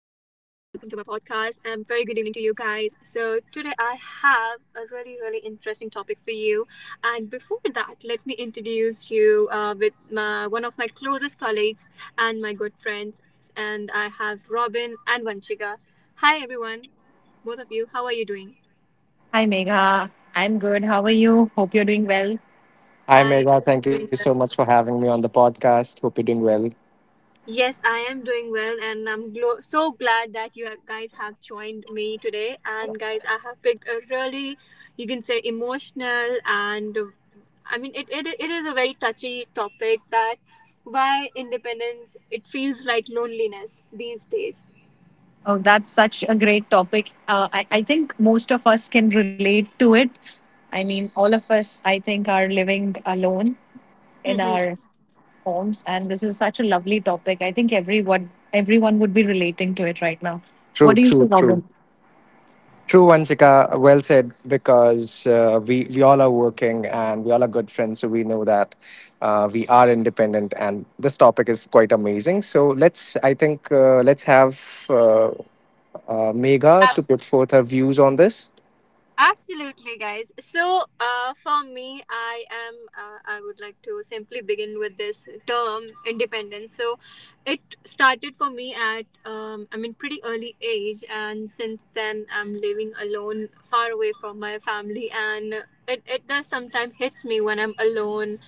Podcast. Very good evening to you guys. So today I have a really interesting topic for you. And before that, let me introduce you with one of my closest colleagues and my good friends. And I have Robin and Vanchika. Hi everyone, both of you. How are you doing? Hi, Megha. I'm good. How are you? Hope you're doing well. Hi, I Megha. am Thank you doing so much for having me on the podcast. Hope you're doing well. Yes, I am doing well, and I'm so glad that you guys have joined me today. And guys, I have picked a really, you can say, emotional and it is a very touchy topic that why independence, it feels like loneliness these days. Oh, that's such a great topic. I think most of us can relate to it. I mean, all of us, I think, are living alone in Mm-hmm. our homes, and this is such a lovely topic. I think everyone would be relating to it right now. What True, do you say, true, true. Robin? True, Vanshika. Well said, because we all are working and we all are good friends. So we know that we are independent and this topic is quite amazing. So let's have Megha to put forth her views on this. Absolutely, guys. For me, I am. I would like to simply begin with this term independence. So, it started for me at I mean pretty early age, and since then I'm living alone, far away from my family, and it does sometimes hits me when I'm alone,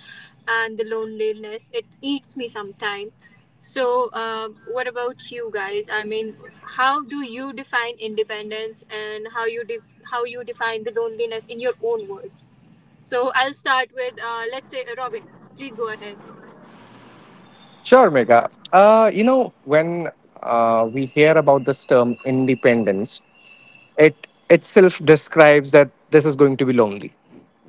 and the loneliness it eats me sometime. So, what about you guys? I mean, how do you define independence and how you define the loneliness in your own words. So I'll start with, let's say, Robin. Please go ahead. Sure, Megha. You know, when we hear about this term independence, it itself describes that this is going to be lonely.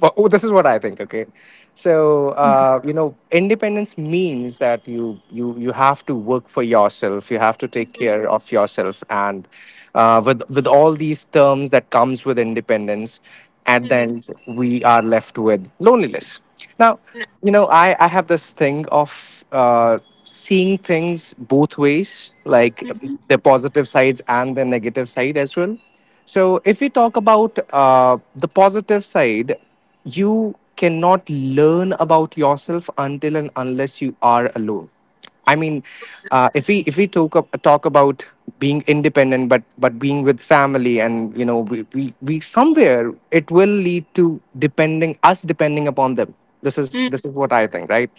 This is what I think. Okay, so you know, independence means that you have to work for yourself. You have to take Mm-hmm. care of yourself, and with all these terms that comes with independence, at the end we are left with loneliness. Now, you Mm-hmm. know, I have this thing of. Seeing things both ways like Mm-hmm. the positive sides and the negative side as well. So if we talk about the positive side, you cannot learn about yourself until and unless you are alone. I mean, if we talk about being independent, but being with family, and you know, we somewhere it will lead to depending upon them. This mm is what I think, right?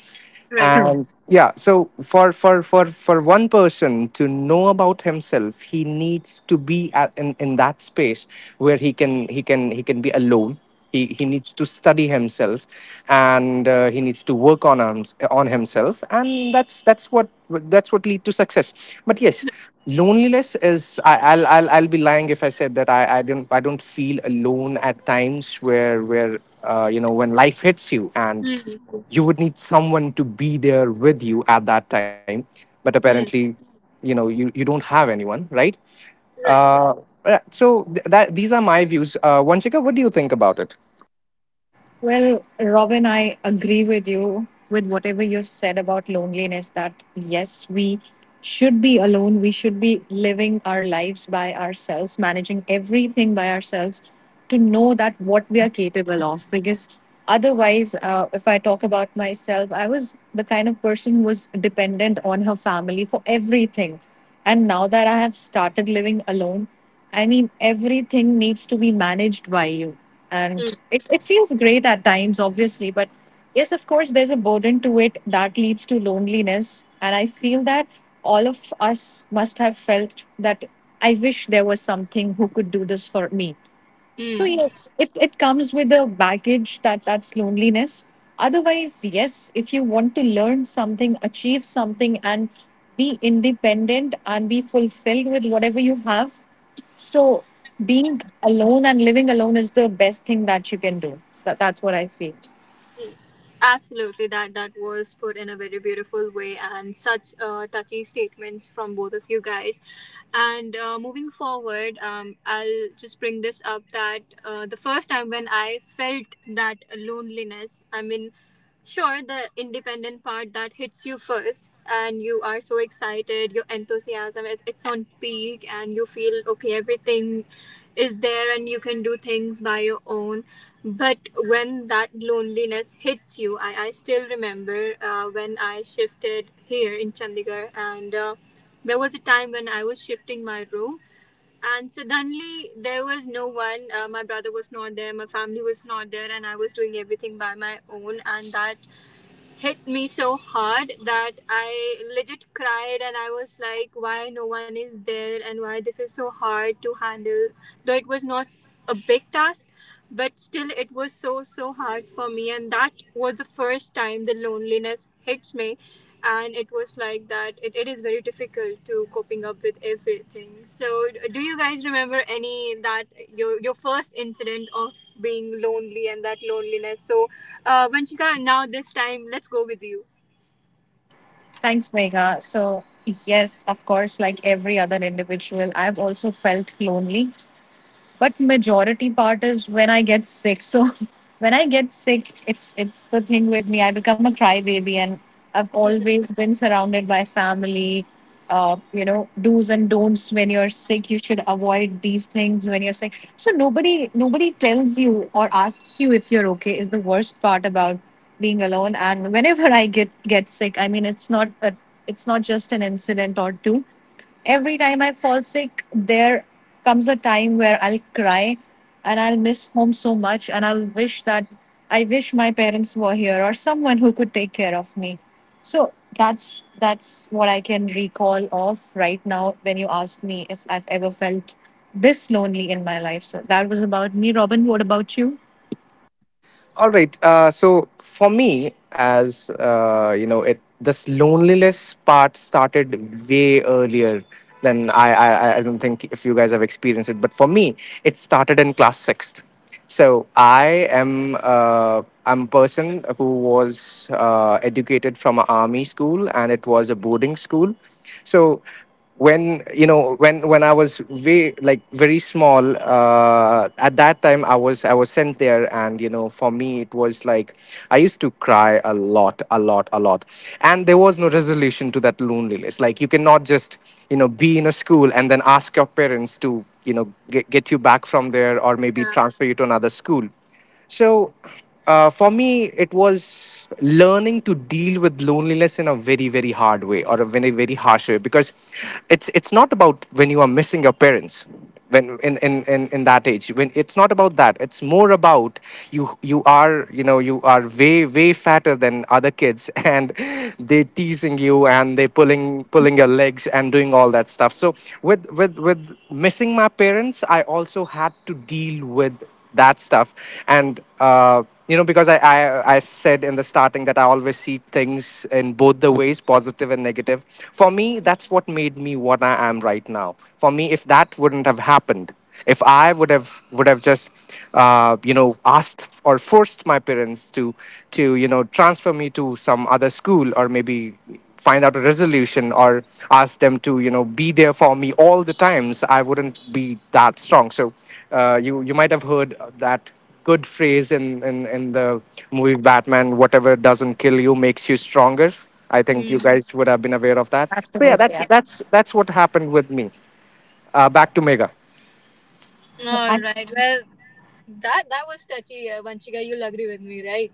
Right. True. And yeah, so for one person to know about himself, he needs to be in that space where he can be alone. He needs to study himself, and he needs to work on himself, and that's what lead to success. But yes, loneliness is. I'll be lying if I said that I don't feel alone at times where you know, when life hits you and Mm-hmm. you would need someone to be there with you at that time. But apparently, mm you know, you don't have anyone, right? Right. uh, yeah, so that these are my views. Vanchika, what do you think about it? Well, Robin, I agree with you with whatever you've said about loneliness that yes, we should be alone. We should be living our lives by ourselves, managing everything by ourselves to know that what we are capable of. Because otherwise, if I talk about myself, I was the kind of person who was dependent on her family for everything. And now that I have started living alone, I mean, everything needs to be managed by you and it feels great at times, obviously, but yes, of course, there's a burden to it that leads to loneliness, and I feel that all of us must have felt that. I wish there was something who could do this for me. So Mm-hmm. yes, it comes with a baggage that that's loneliness. Otherwise, yes, if you want to learn something, achieve something and be independent and be fulfilled with whatever you have. So being alone and living alone is the best thing that you can do. That's what I feel. Absolutely. That that was put in a very beautiful way, and such touchy statements from both of you guys. And moving forward, I'll just bring this up that the first time when I felt that loneliness, I mean, sure, the independent part that hits you first, and you are so excited, your enthusiasm it's on peak, and you feel okay, everything is there, and you can do things by your own. But when that loneliness hits you, I still remember when I shifted here in Chandigarh, and there was a time when I was shifting my room. And suddenly there was no one. My brother was not there. My family was not there, and I was doing everything by my own. And that hit me so hard that I legit cried and I was like, why no one is there and why this is so hard to handle. Though it was not a big task, but still it was so hard for me. And that was the first time the loneliness hits me and it was like that it is very difficult to coping up with everything. So do you guys remember any that your first incident of being lonely and that loneliness? So Vanchika, now this time let's go with you. Thanks, Megha. So yes, of course, like every other individual, I've also felt lonely, but majority part is when I get sick. So when I get sick, it's the thing with me, I become a crybaby. And I've Mhm. always been surrounded by family. You know, do's and don'ts, when you're sick you should avoid these things when you're sick, so nobody tells you or asks you if you're okay, is the worst part about being alone. And whenever I get sick, I mean, it's not a, it's not just an incident or two. Every time I fall sick, there comes a time where I'll cry and I'll miss home so much, and I'll wish that I wish my parents were here or someone who could take care of me. So that's what I can recall of right now when you ask me if I've ever felt this lonely in my life. So that was about me, Robin. What about you? All right. So for me, as you know, it this loneliness part started way earlier than I don't think if you guys have experienced it, but for me, it started in class sixth. So I am I'm a person who was educated from an army school, and it was a boarding school. So when you know, when I was very, like, very small. At that time, I was sent there. And you know, for me, it was like I used to cry a lot, and there was no resolution to that loneliness. Like you cannot just, you know, be in a school and then ask your parents to, you know, get you back from there, or maybe Yeah. transfer you to another school. So for me, it was learning to deal with loneliness in a very, very hard way, or a very, very harsh way, because it's not about when you are missing your parents when in that age. When It's not about that. It's more about you, you are, you know, you are way fatter than other kids and they teasing you and they pulling your legs and doing all that stuff. So with missing my parents, I also had to deal with that stuff. And you know, because I said in the starting that I always see things in both the ways, positive and negative. For me, that's what made me what I am right now. For me, if that wouldn't have happened, if I would have just you know, asked or forced my parents to you know, transfer me to some other school, or maybe find out a resolution, or ask them to, you know, be there for me all the times, I wouldn't be that strong. So you you might have heard that good phrase in, the movie Batman, whatever doesn't kill you makes you stronger. I think you Hmm. guys would have been aware of that. So yeah, Absolutely. Yeah. Yeah. That's what happened with me. Back to Mega. All That's, right, well, that that was touchy. Vanchika, you'll agree with me, right?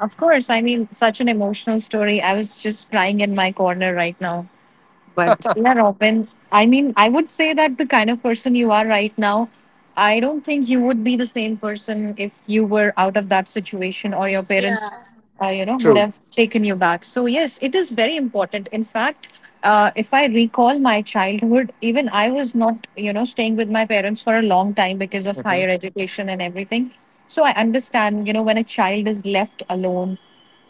of course. I mean, such an emotional story. I was just crying in my corner right now. Yeah, Robin. I mean, I would say that the kind of person you are right now, I don't think you would be the same person if you were out of that situation or your Yeah. parents, you know, would True. have taken you back. So, yes, it is very important. In fact, if I recall my childhood, even I was not, you know, staying with my parents for a long time because of Mm-hmm. higher education and everything. So, I understand, you know, when a child is left alone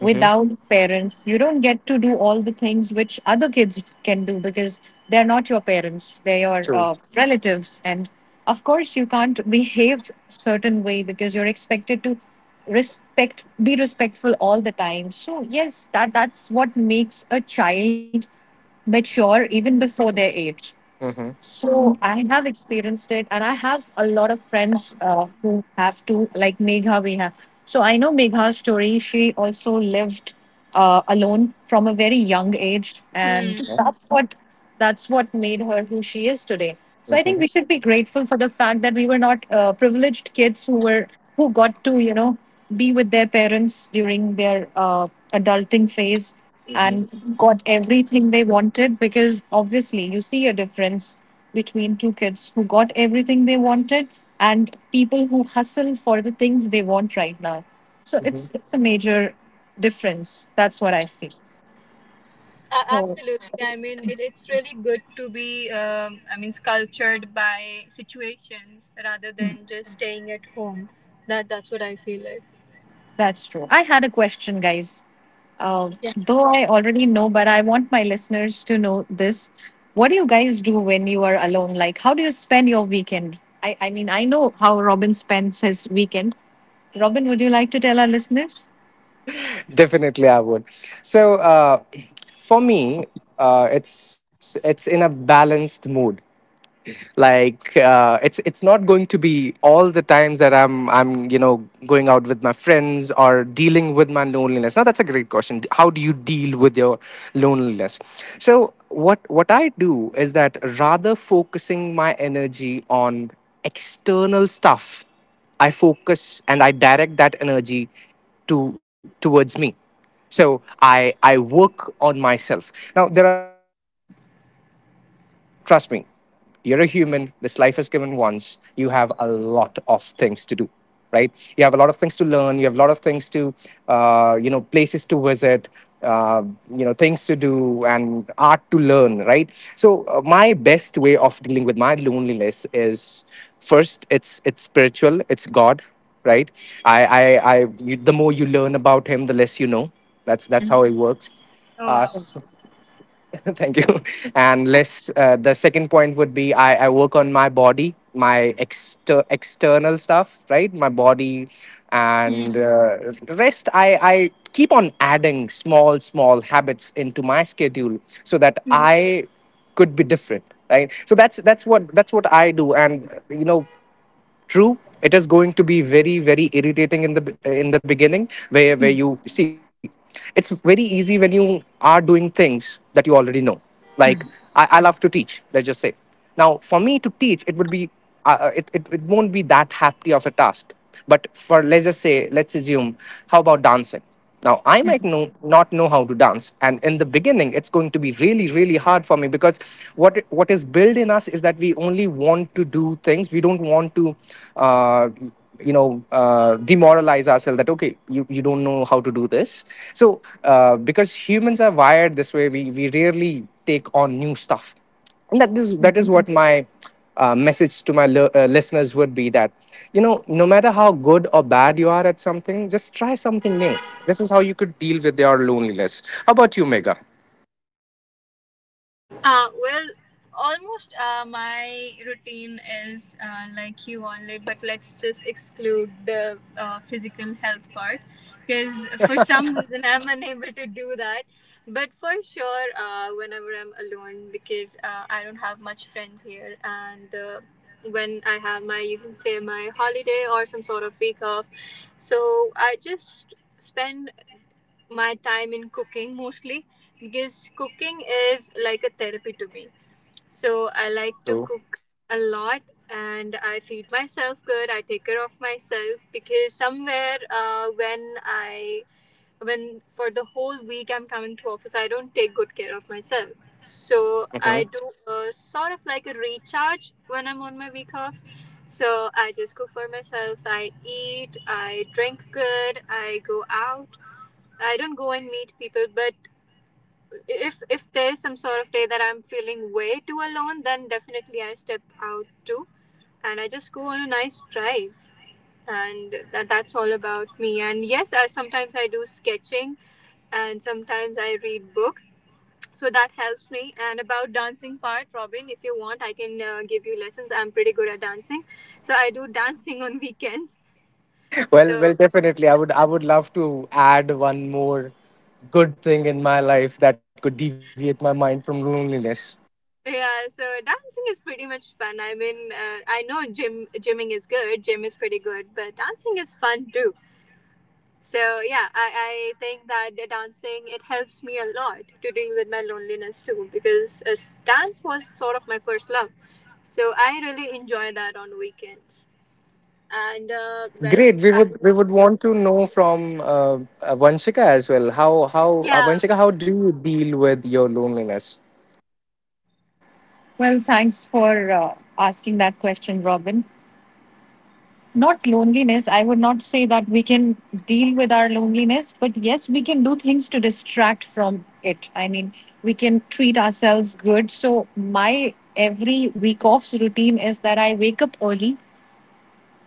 Mm-hmm. parents, you don't get to do all the things which other kids can do because they're not your parents, they're your True. Relatives. And of course you can't behave certain way because you're expected to respect, be respectful all the time. So yes, that's what makes a child mature even before their age. Mm-hmm. So I have experienced it, and I have a lot of friends who have to, like Megha, we have. So I know Megha's story. She also lived alone from a very young age, Hmm. and Yeah. that's what, that's what made her who she is today. So I think we Mm-hmm. should be grateful for the fact that we were not privileged kids who were, who got to, you know, be with their parents during their adulting phase, and got everything they wanted, because obviously you see a difference between two kids who got everything they wanted and people who hustle for the things they want right now. So Mm-hmm. it's a major difference. That's what I feel. So Absolutely. I mean, it's really good to be, I mean, sculptured by situations rather than just staying at home. That that's what I feel like. that's true. I had a question, guys. Uh, Yeah. though I already know, but I want my listeners to know this. What do you guys do when you are alone? Like, how do you spend your weekend? I mean, I know how Robin spends his weekend. Robin, would you like to tell our listeners? Definitely, I would. So, for me, it's in a balanced mood. Like it's not going to be all the times that I'm you know, going out with my friends or dealing with my loneliness. Now, that's a great question. How do you deal with your loneliness? So what I do is that rather focusing my energy on external stuff, I focus and I direct that energy to towards me. So I work on myself. Now, there are, trust me, you're a human. This life is given once. You have a lot of things to do, right? You have a lot of things to learn. You have a lot of things to, you know, places to visit. Uh, you know, things to do and art to learn, right? So my best way of dealing with my loneliness is, first, it's spiritual, it's God. Right. I I I You, the more you learn about him, the less you know. That's how Hmm. it works. Oh uh, wow. Thank you. And less, the second point would be, I work on my body, my external stuff, right? My body. Mm. And rest. I keep on adding small, small habits into my schedule so that I could be different, right? So that's what I do. And you know, true, it is going to be very, very irritating in the beginning, where you see, it's very easy when you are doing things that you already know. Like, I love to teach, let's just say. Now, for me, to teach, it would be, it, it won't be that hefty of a task. But for, let's just say, let's assume, how about dancing? Now, I might know, not know how to dance. And in the beginning, it's going to be really, really hard for me because what is built in us is that we only want to do. We don't want to, uh, you know, demoralize ourselves that, okay, you don't know how to do this. So, because humans are wired this way, we rarely take on new stuff. And that is what my message to my listeners would be, that you know, no matter how good or bad you are at something, just try something new. This is how you could deal with your loneliness. How about you, Mega? Well, almost my routine is like you only, but let's just exclude the physical health part because for some reason I'm unable to do that. But for sure, whenever I'm alone, because I don't have much friends here, and when I have my, you can say, my holiday or some sort of week off, so I just spend my time in cooking mostly because cooking is like a therapy to me. So I like to True. cook a lot and I feed myself good. I take care of myself because somewhere when for the whole week I'm coming to office, I don't take good care of myself. So I do a sort of like a recharge when I'm on my week offs. So I just cook for myself. I eat. I drink good. I go out. I don't go and meet people, but if there's some sort of day that I'm feeling way too alone, then definitely I step out too, and I just go on a nice drive, and that that's all about me. And yes, I, sometimes I do sketching, and sometimes I read book, so that helps me. And about dancing part, Robin, if you want, I can give you lessons. I'm pretty good at dancing, so I do dancing on weekends. Well, So well, definitely. I would love to add one more good thing in my life that could deviate my mind from loneliness. yeah, so dancing is pretty much fun. I mean, I know gymming is good, gym is pretty good, but dancing is fun too. So yeah, I think that the dancing it helps me a lot to deal with my loneliness too because dance was sort of my first love. So I really enjoy that on weekends. And uh, well, Great. I, We would want to know from Vanshika as well. How Vanshika, how do you deal with your loneliness? Well, thanks for asking that question, Robin. Not loneliness. I would not say that we can deal with our loneliness, but yes, we can do things to distract from it. I mean, we can treat ourselves good. So, my every week off's routine is that I wake up early,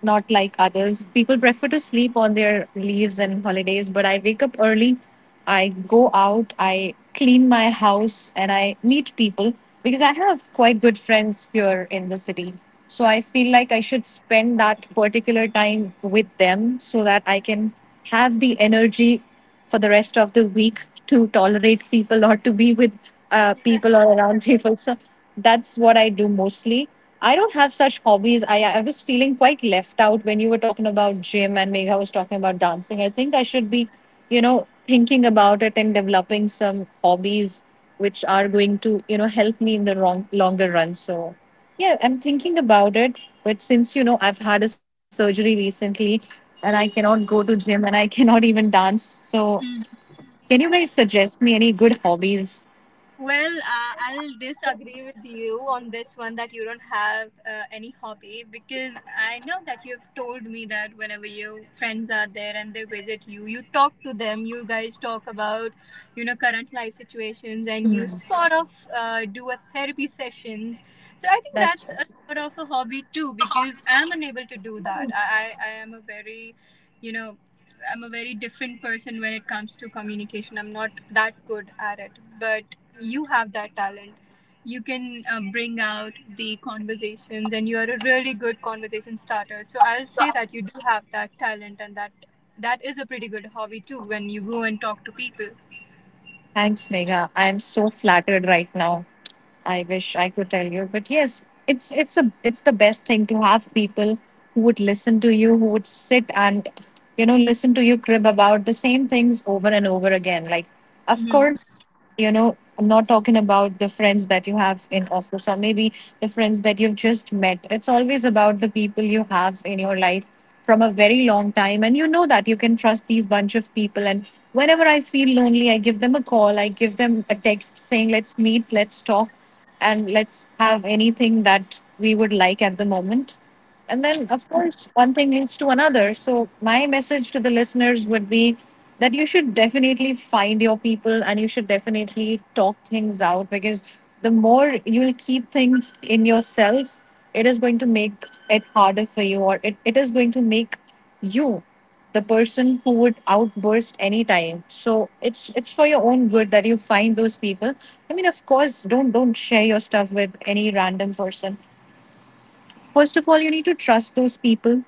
not like others. People prefer to sleep on their leaves and holidays, but I wake up early, I go out, I clean my house, and I meet people because I have quite good friends here in the city. So I feel like I should spend that particular time with them so that I can have the energy for the rest of the week to tolerate people or to be with yeah. people or around people. So that's what I do mostly. I don't have such hobbies. I was feeling quite left out when you were talking about gym and Megha was talking about dancing. I think I should be, you know, thinking about it and developing some hobbies which are going to, you know, help me in the wrong, longer run. So, yeah, I'm thinking about it. But since, you know, I've had a surgery recently and I cannot go to gym and I cannot even dance, so can you guys suggest me any good hobbies? Well, I'll disagree with you on this one that you don't have any hobby because I know that you've told me that whenever your friends are there and they visit you, you talk to them, you guys talk about, you know, current life situations and you Hmm. sort of do a therapy sessions. So I think That's, that's a sort of a hobby too because I'm unable to do that. I am a very, you know, I'm a very different person when it comes to communication. I'm not that good at it. But you have that talent. You can bring out the conversations and you're a really good conversation starter, so I'll say that you do have that talent and that that is a pretty good hobby too when you go and talk to people. thanks, Megha. I'm so flattered right now. I wish I could tell you, but yes, it's a, it's the best thing to have people who would listen to you, who would sit and, you know, listen to you crib about the same things over and over again. Like, of Hmm. course, you know, I'm not talking about the friends that you have in office or maybe the friends that you've just met. It's always about the people you have in your life from a very long time, and you know that you can trust these bunch of people. And whenever I feel lonely, I give them a call, I give them a text saying, let's meet, let's talk, and let's have anything that we would like at the moment. And then, of course, one thing leads to another. So, my message to the listeners would be that you should definitely find your people and you should definitely talk things out, because the more you'll keep things in yourself, it is going to make it harder for you. Or it is going to make you the person who would outburst anytime. So it's for your own good that you find those people. I mean, of course, don't share your stuff with any random person. First of all, you need to trust those people,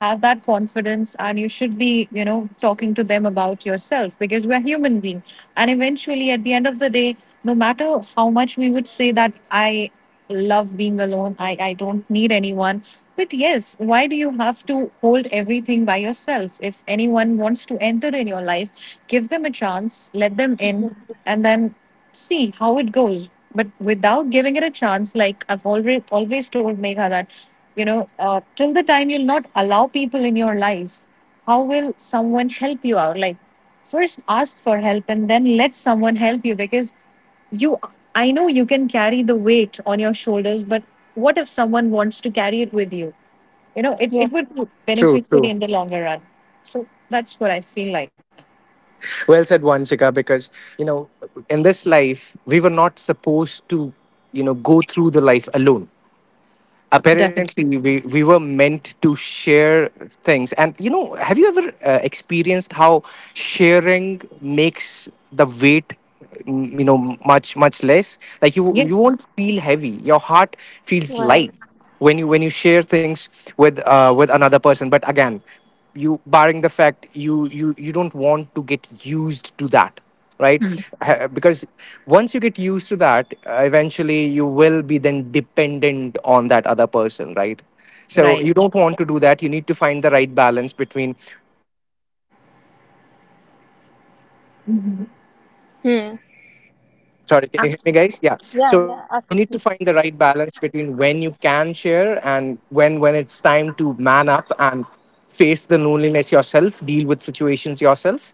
have that confidence, and you should be, you know, talking to them about yourself, because we're human beings. And eventually, at the end of the day, no matter how much we would say that I love being alone, I don't need anyone, but yes, why do you have to hold everything by yourself? If anyone wants to enter in your life, give them a chance, let them in, and then see how it goes. But without giving it a chance, like I've already always told Megha that, you know, till the time you'll not allow people in your life, how will someone help you out? Like, first ask for help and then let someone help you. Because you, I know you can carry the weight on your shoulders, but what if someone wants to carry it with you? You know, it would True, benefit you true. in the longer run. So that's what I feel like. Well said, Vanshika, because, you know, in this life, we were not supposed to, you know, go through the life alone. Apparently, Definitely. we were meant to share things. And you know, have you ever experienced how sharing makes the weight, mm, you know, much less? Like you Yes. won't feel heavy, your heart feels light when you share things with another person. But again, you, barring the fact, you don't want to get used to that, right? Mm. Because once you get used to that, eventually you will be then dependent on that other person, right? So you Right. don't want to do that. You need to find the right balance between. Mhm. Hmm. Sorry, can you Abs-, hear me, guys? Yeah. Yeah, So yeah, you need to find absolutely. the right balance between when you can share and when it's time to man up and face the loneliness yourself, deal with situations yourself.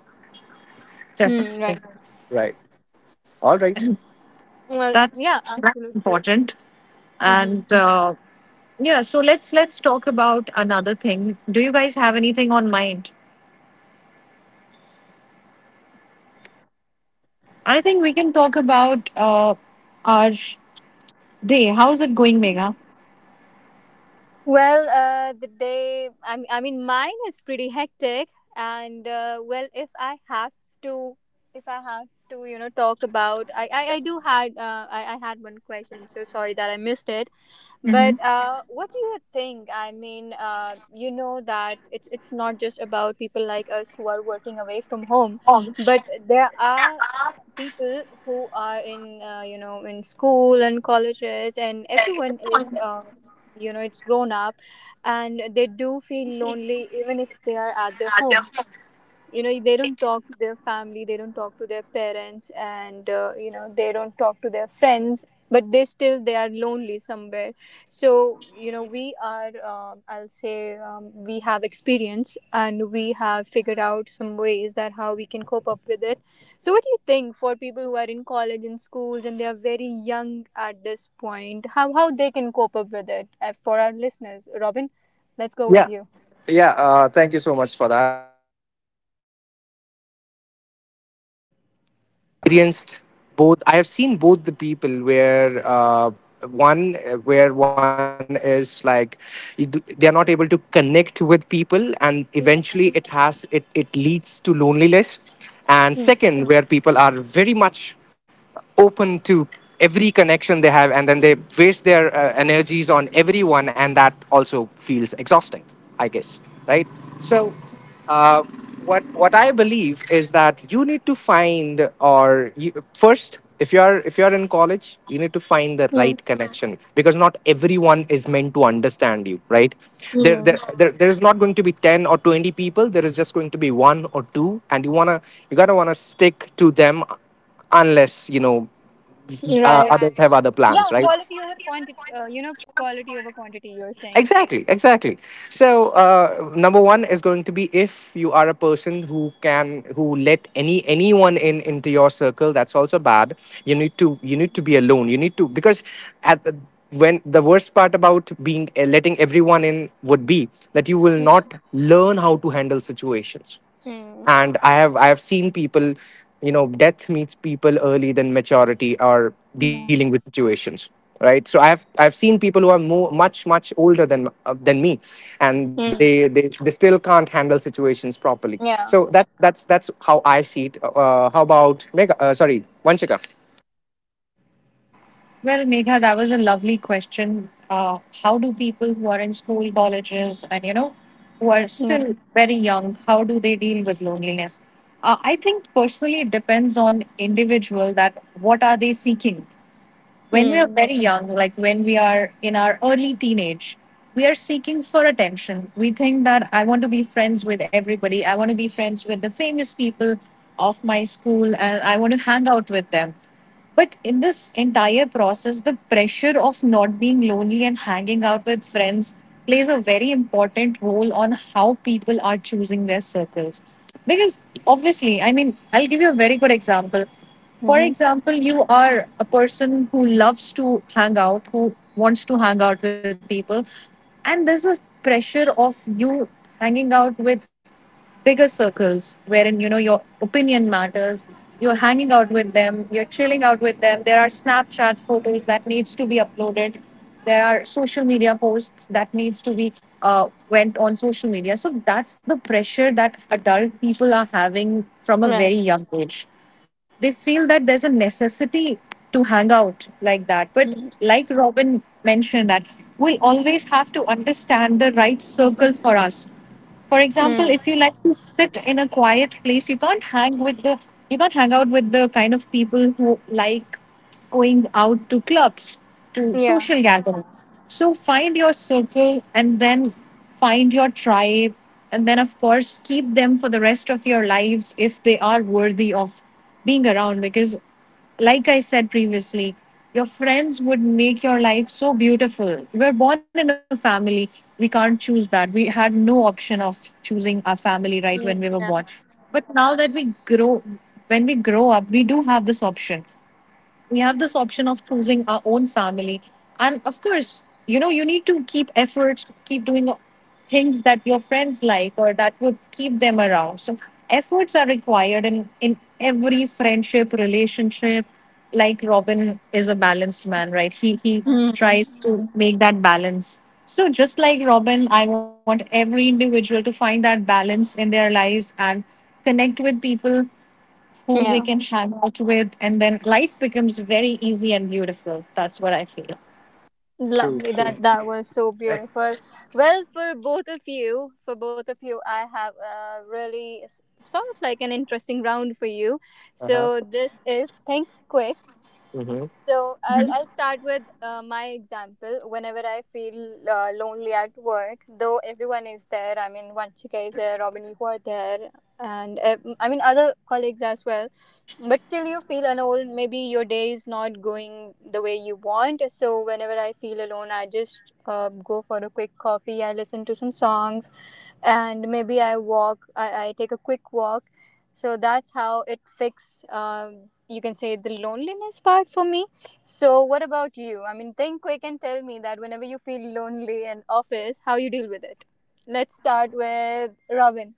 Hmm. definitely. Right. And Well, that's yeah, that's absolutely. important. And yeah, so let's talk about another thing. Do you guys have anything on mind? I think we can talk about our day. How's it going, Megha? Well, the day, I mean, mine is pretty hectic. And if I have to, if I have to, you know, talk about, I do had, I had one question. I'm so sorry that I missed it. But Hmm. What do you think? I mean, you know that it's not just about people like us who are working away from home, but there are people who are in you know in school and colleges and everyone is you know it's grown up and they do feel lonely even if they are at their home. You know they don't talk to their family, they don't talk to their parents, and you know they don't talk to their friends, but they are lonely somewhere. So you know we are I'll say we have experience and we have figured out some ways that how we can cope up with it. So what do you think for people who are in college and schools and they are very young at this point, how they can cope up with it? For our listeners, Robin, let's go with you. Yeah. Thank you so much for that. Experienced both, I have seen both the people, where one where one is like they are not able to connect with people, and eventually it Mm, has it it leads to loneliness. And mm, second, where people are very much open to every connection they have, and then they waste their energies on everyone, and that also feels exhausting, I guess, right? So uh, what I believe is that you need to find, or you, first, if you're in college, you need to find the mm, right connection, because not everyone is meant to understand you, right? there there, mm. there there's not going to be 10 or 20 people, there is just going to be one or two, and you want to, you got to want to stick to them, unless, you know, Right. others have other Yeah, plans, right? quality over quantity. You know, quality over quantity, you're saying. Exactly, exactly. So number one is going to be, if you are a person who can, who let anyone in into your circle, that's also bad. You need to be alone. You need to, because at the, when the worst part about being letting everyone in would be that you will not Mm. learn how to handle situations. Mm. And I have seen people, you know, death meets people early than maturity or dealing Yeah. with situations, right? So I've seen people who are much much older than me, and Mm. they still can't handle situations properly. So Yeah. That's how I see it. How about Mega? Sorry, Vanshika. Well, Megha, that was a lovely question. How do people who are in school, colleges, and, you know, who are Yeah. still very young, how do they deal with loneliness? I think personally, it depends on individual that what are they seeking. When we are Mm. very young, like when we are in our early teenage, we are seeking for attention. We think that I want to be friends with everybody. I want to be friends with the famous people of my school and I want to hang out with them. But in this entire process, the pressure of not being lonely and hanging out with friends plays a very important role on how people are choosing their circles. Because obviously, I mean, I'll give you a very good example. For Mm-hmm. example, you are a person who loves to hang out, who wants to hang out with people, and there's this pressure of you hanging out with bigger circles wherein you know your opinion matters, you're hanging out with them, you're chilling out with them. There are Snapchat photos that needs to be uploaded, there are social media posts that needs to be went on social media. So that's the pressure that adult people are having from a Right. very young age. They feel that there's a necessity to hang out like that. But Mm. like Robin mentioned, that we'll always have to understand the right circle for us. For example, Mm. if you like to sit in a quiet place, you can't hang with the, you can't hang out with the kind of people who like going out to clubs, to Yeah. social gatherings. So find your circle and then find your tribe. And then, of course, keep them for the rest of your lives if they are worthy of being around. Because like I said previously, your friends would make your life so beautiful. We were born in a family. We can't choose that. We had no option of choosing our family right when Mm. we were Yeah. born. But now that we grow, when we grow up, we do have this option, we have this option of choosing our own family. And of course, you know, you need to keep efforts, keep doing things that your friends like or that would keep them around. So efforts are required in every friendship relationship. Like Robin is a balanced man, right? He Mm. tries to make that balance. So just like Robin, I want every individual to find that balance in their lives and connect with people who they Yeah. can hang out with, and then life becomes very easy and beautiful. That's what I feel. True, Lovely. true. That that was so beautiful. Well, for both of you, for both of you, I have a really sort of like an interesting round for you. Uh-huh. So this is think quick. Mm-hmm. So I'll start with my example. Whenever I feel lonely at work, though everyone is there. I mean, Vanchika is there, Robin, you are there, and I mean other colleagues as well. But still, you feel alone. Maybe your day is not going the way you want. So whenever I feel alone, I just go for a quick coffee. I listen to some songs, and maybe I walk. I take a quick walk. So that's how it fix you can say the loneliness part for me. So what about you? I mean, think quick and tell me that whenever you feel lonely in office, how you deal with it. Let's start with Robin.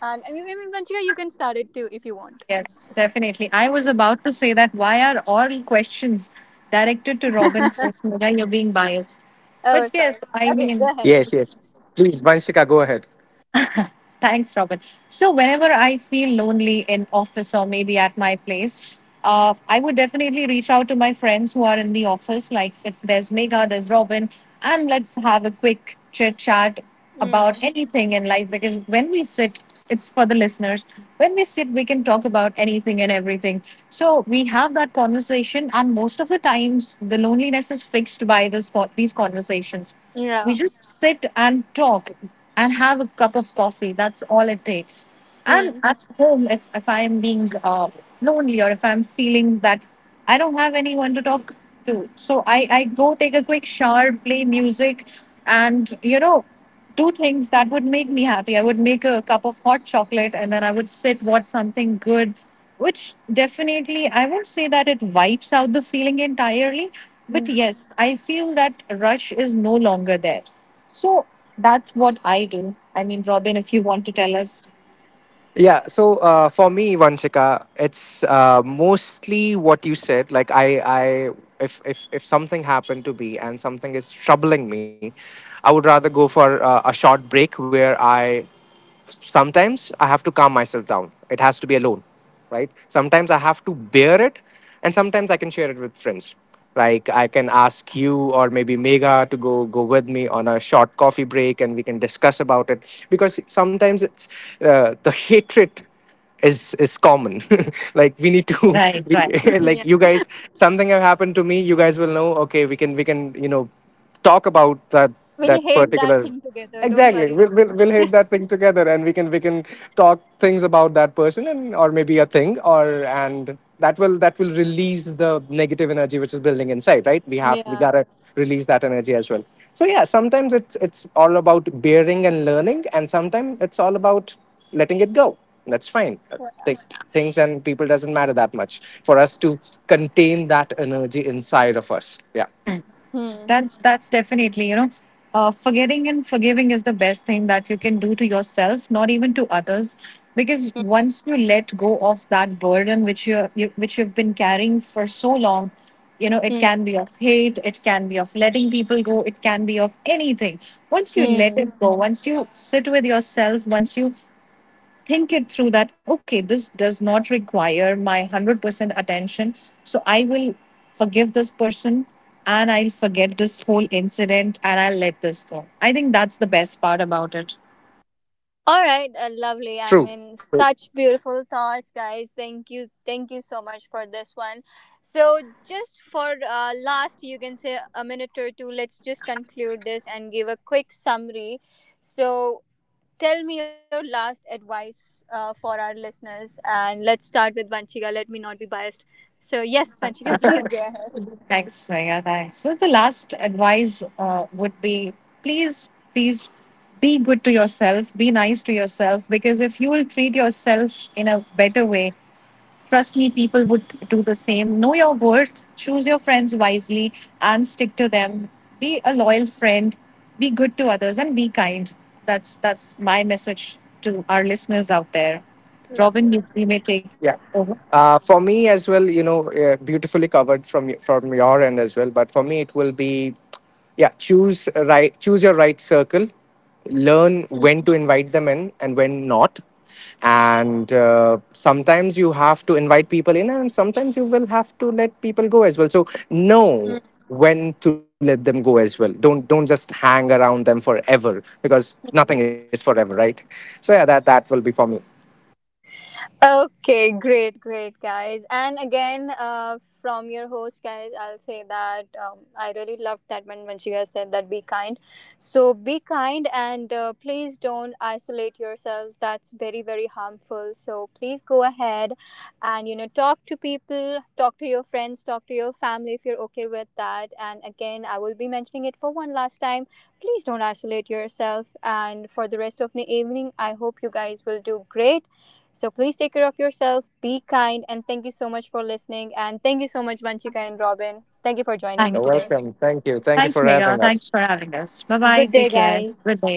And I mean even Pranchika, you can start it too if you want. Yes, definitely. I was about to say that why are all questions directed to Robin first? Mira, you're being biased. Oh But sorry. yes, I Okay, mean, go ahead. Yes, yes. Please, Vanshika, go ahead. thanks, Robin. So whenever I feel lonely in office or maybe at my place, I would definitely reach out to my friends who are in the office. Like if there's Megha, there's Robin, and let's have a quick chit chat about Mm. anything in life. Because when we sit, it's for the listeners. When we sit, we can talk about anything and everything. So we have that conversation, and most of the times, the loneliness is fixed by this these conversations. Yeah. We just sit and talk and have a cup of coffee. That's all it takes. And Mm. at home, if I'm being lonely, or if I'm feeling that I don't have anyone to talk to, so I go take a quick shower, play music, and you know, do things that would make me happy. I would make a cup of hot chocolate and then I would sit, watch something good, which definitely I won't say that it wipes out the feeling entirely, but Mm. yes, I feel that rush is no longer there. So that's what I do. I mean, Robin, if you want to tell us. Yeah. So for me, Vanchika, it's mostly what you said. Like I, if if something happened to me and something is troubling me, I would rather go for a short break where I, sometimes I have to calm myself down. Has to be alone, right? Sometimes I have to bear it, and sometimes I can share it with friends. Like I can ask you or maybe Mega to go with me on a short coffee break, and we can discuss about it. Because sometimes it's the hatred is common. Like we need Right, right. to, we, Yeah, like you guys, something have happened to me, you guys will know, okay, we can, we can, you know, talk about that, that we'll hate that particular, thing together, don't exactly, worry we'll, Robin. we'll hit that thing together, and we can talk things about that person and, or maybe a thing or, and that will, that will release the negative energy which is building inside, right? We have, we Yeah. gotta release that energy as well. So yeah, sometimes it's all about bearing and learning, and sometimes it's all about letting it go. That's fine. Things, and people doesn't matter that much for us to contain that energy inside of us. Yeah. Hmm. Mm. That's definitely, you know, forgetting and forgiving is the best thing that you can do to yourself, not even to others, because once you let go of that burden which you which you've been carrying for so long, you know, it Mm. can be of hate, it can be of letting people go, it can be of anything. Once you let Mm. it go, once you sit with yourself, once you think it through that okay, this does not require my 100% attention, so I will forgive this person, and I'll forget this whole incident, and I'll let this go. I think that's the best part about it. True, All right, true. Lovely. I mean, such beautiful thoughts, guys. Thank you so much for this one. So, just for last, you can say a minute or two. Let's just conclude this and give a quick summary. So, tell me your last advice for our listeners, and let's start with Vanchika. Let me not be biased. So, yes, Vanchika, please go ahead. Thanks, Swaya, thanks. So the last advice would be, please, please be good to yourself, be nice to yourself. Because if you will treat yourself in a better way, trust me, people would do the same. Know your worth, choose your friends wisely, and stick to them. Be a loyal friend, be good to others, and be kind. That's my message to our listeners out there. Robin, you, Lovely. you may take Yeah. over. For me as well, you know, beautifully covered from from your end as well. But for me, it will be, yeah, choose a right, choose your right circle, learn when to invite them in and when not, and sometimes you have to invite people in, and sometimes you will have to let people go as well. So Mm. know when to let them go as well. Don't just hang around them forever, because Lovely. nothing is forever, right? So yeah, that that will be for me. Okay, great, great, guys. And again, from your host, guys, I'll say that I really loved that when Vanshika said that be kind. So be kind and please don't isolate yourselves. That's very harmful. So please go ahead and, you know, talk to people, talk to your friends, talk to your family if you're okay with that. And again, I will be mentioning it for one last time. Please don't isolate yourself. And for the rest of the evening, I hope you guys will do great. So please take care of yourself, be kind, and thank you so much for listening. And thank you so much, Vanchika and Robin. Thank you for joining me You're Thanks. today. welcome. Thank you. Thanks, Thank you for Megha. having Thanks for us. having us. Bye bye. Take Good day, care. Good guys. day.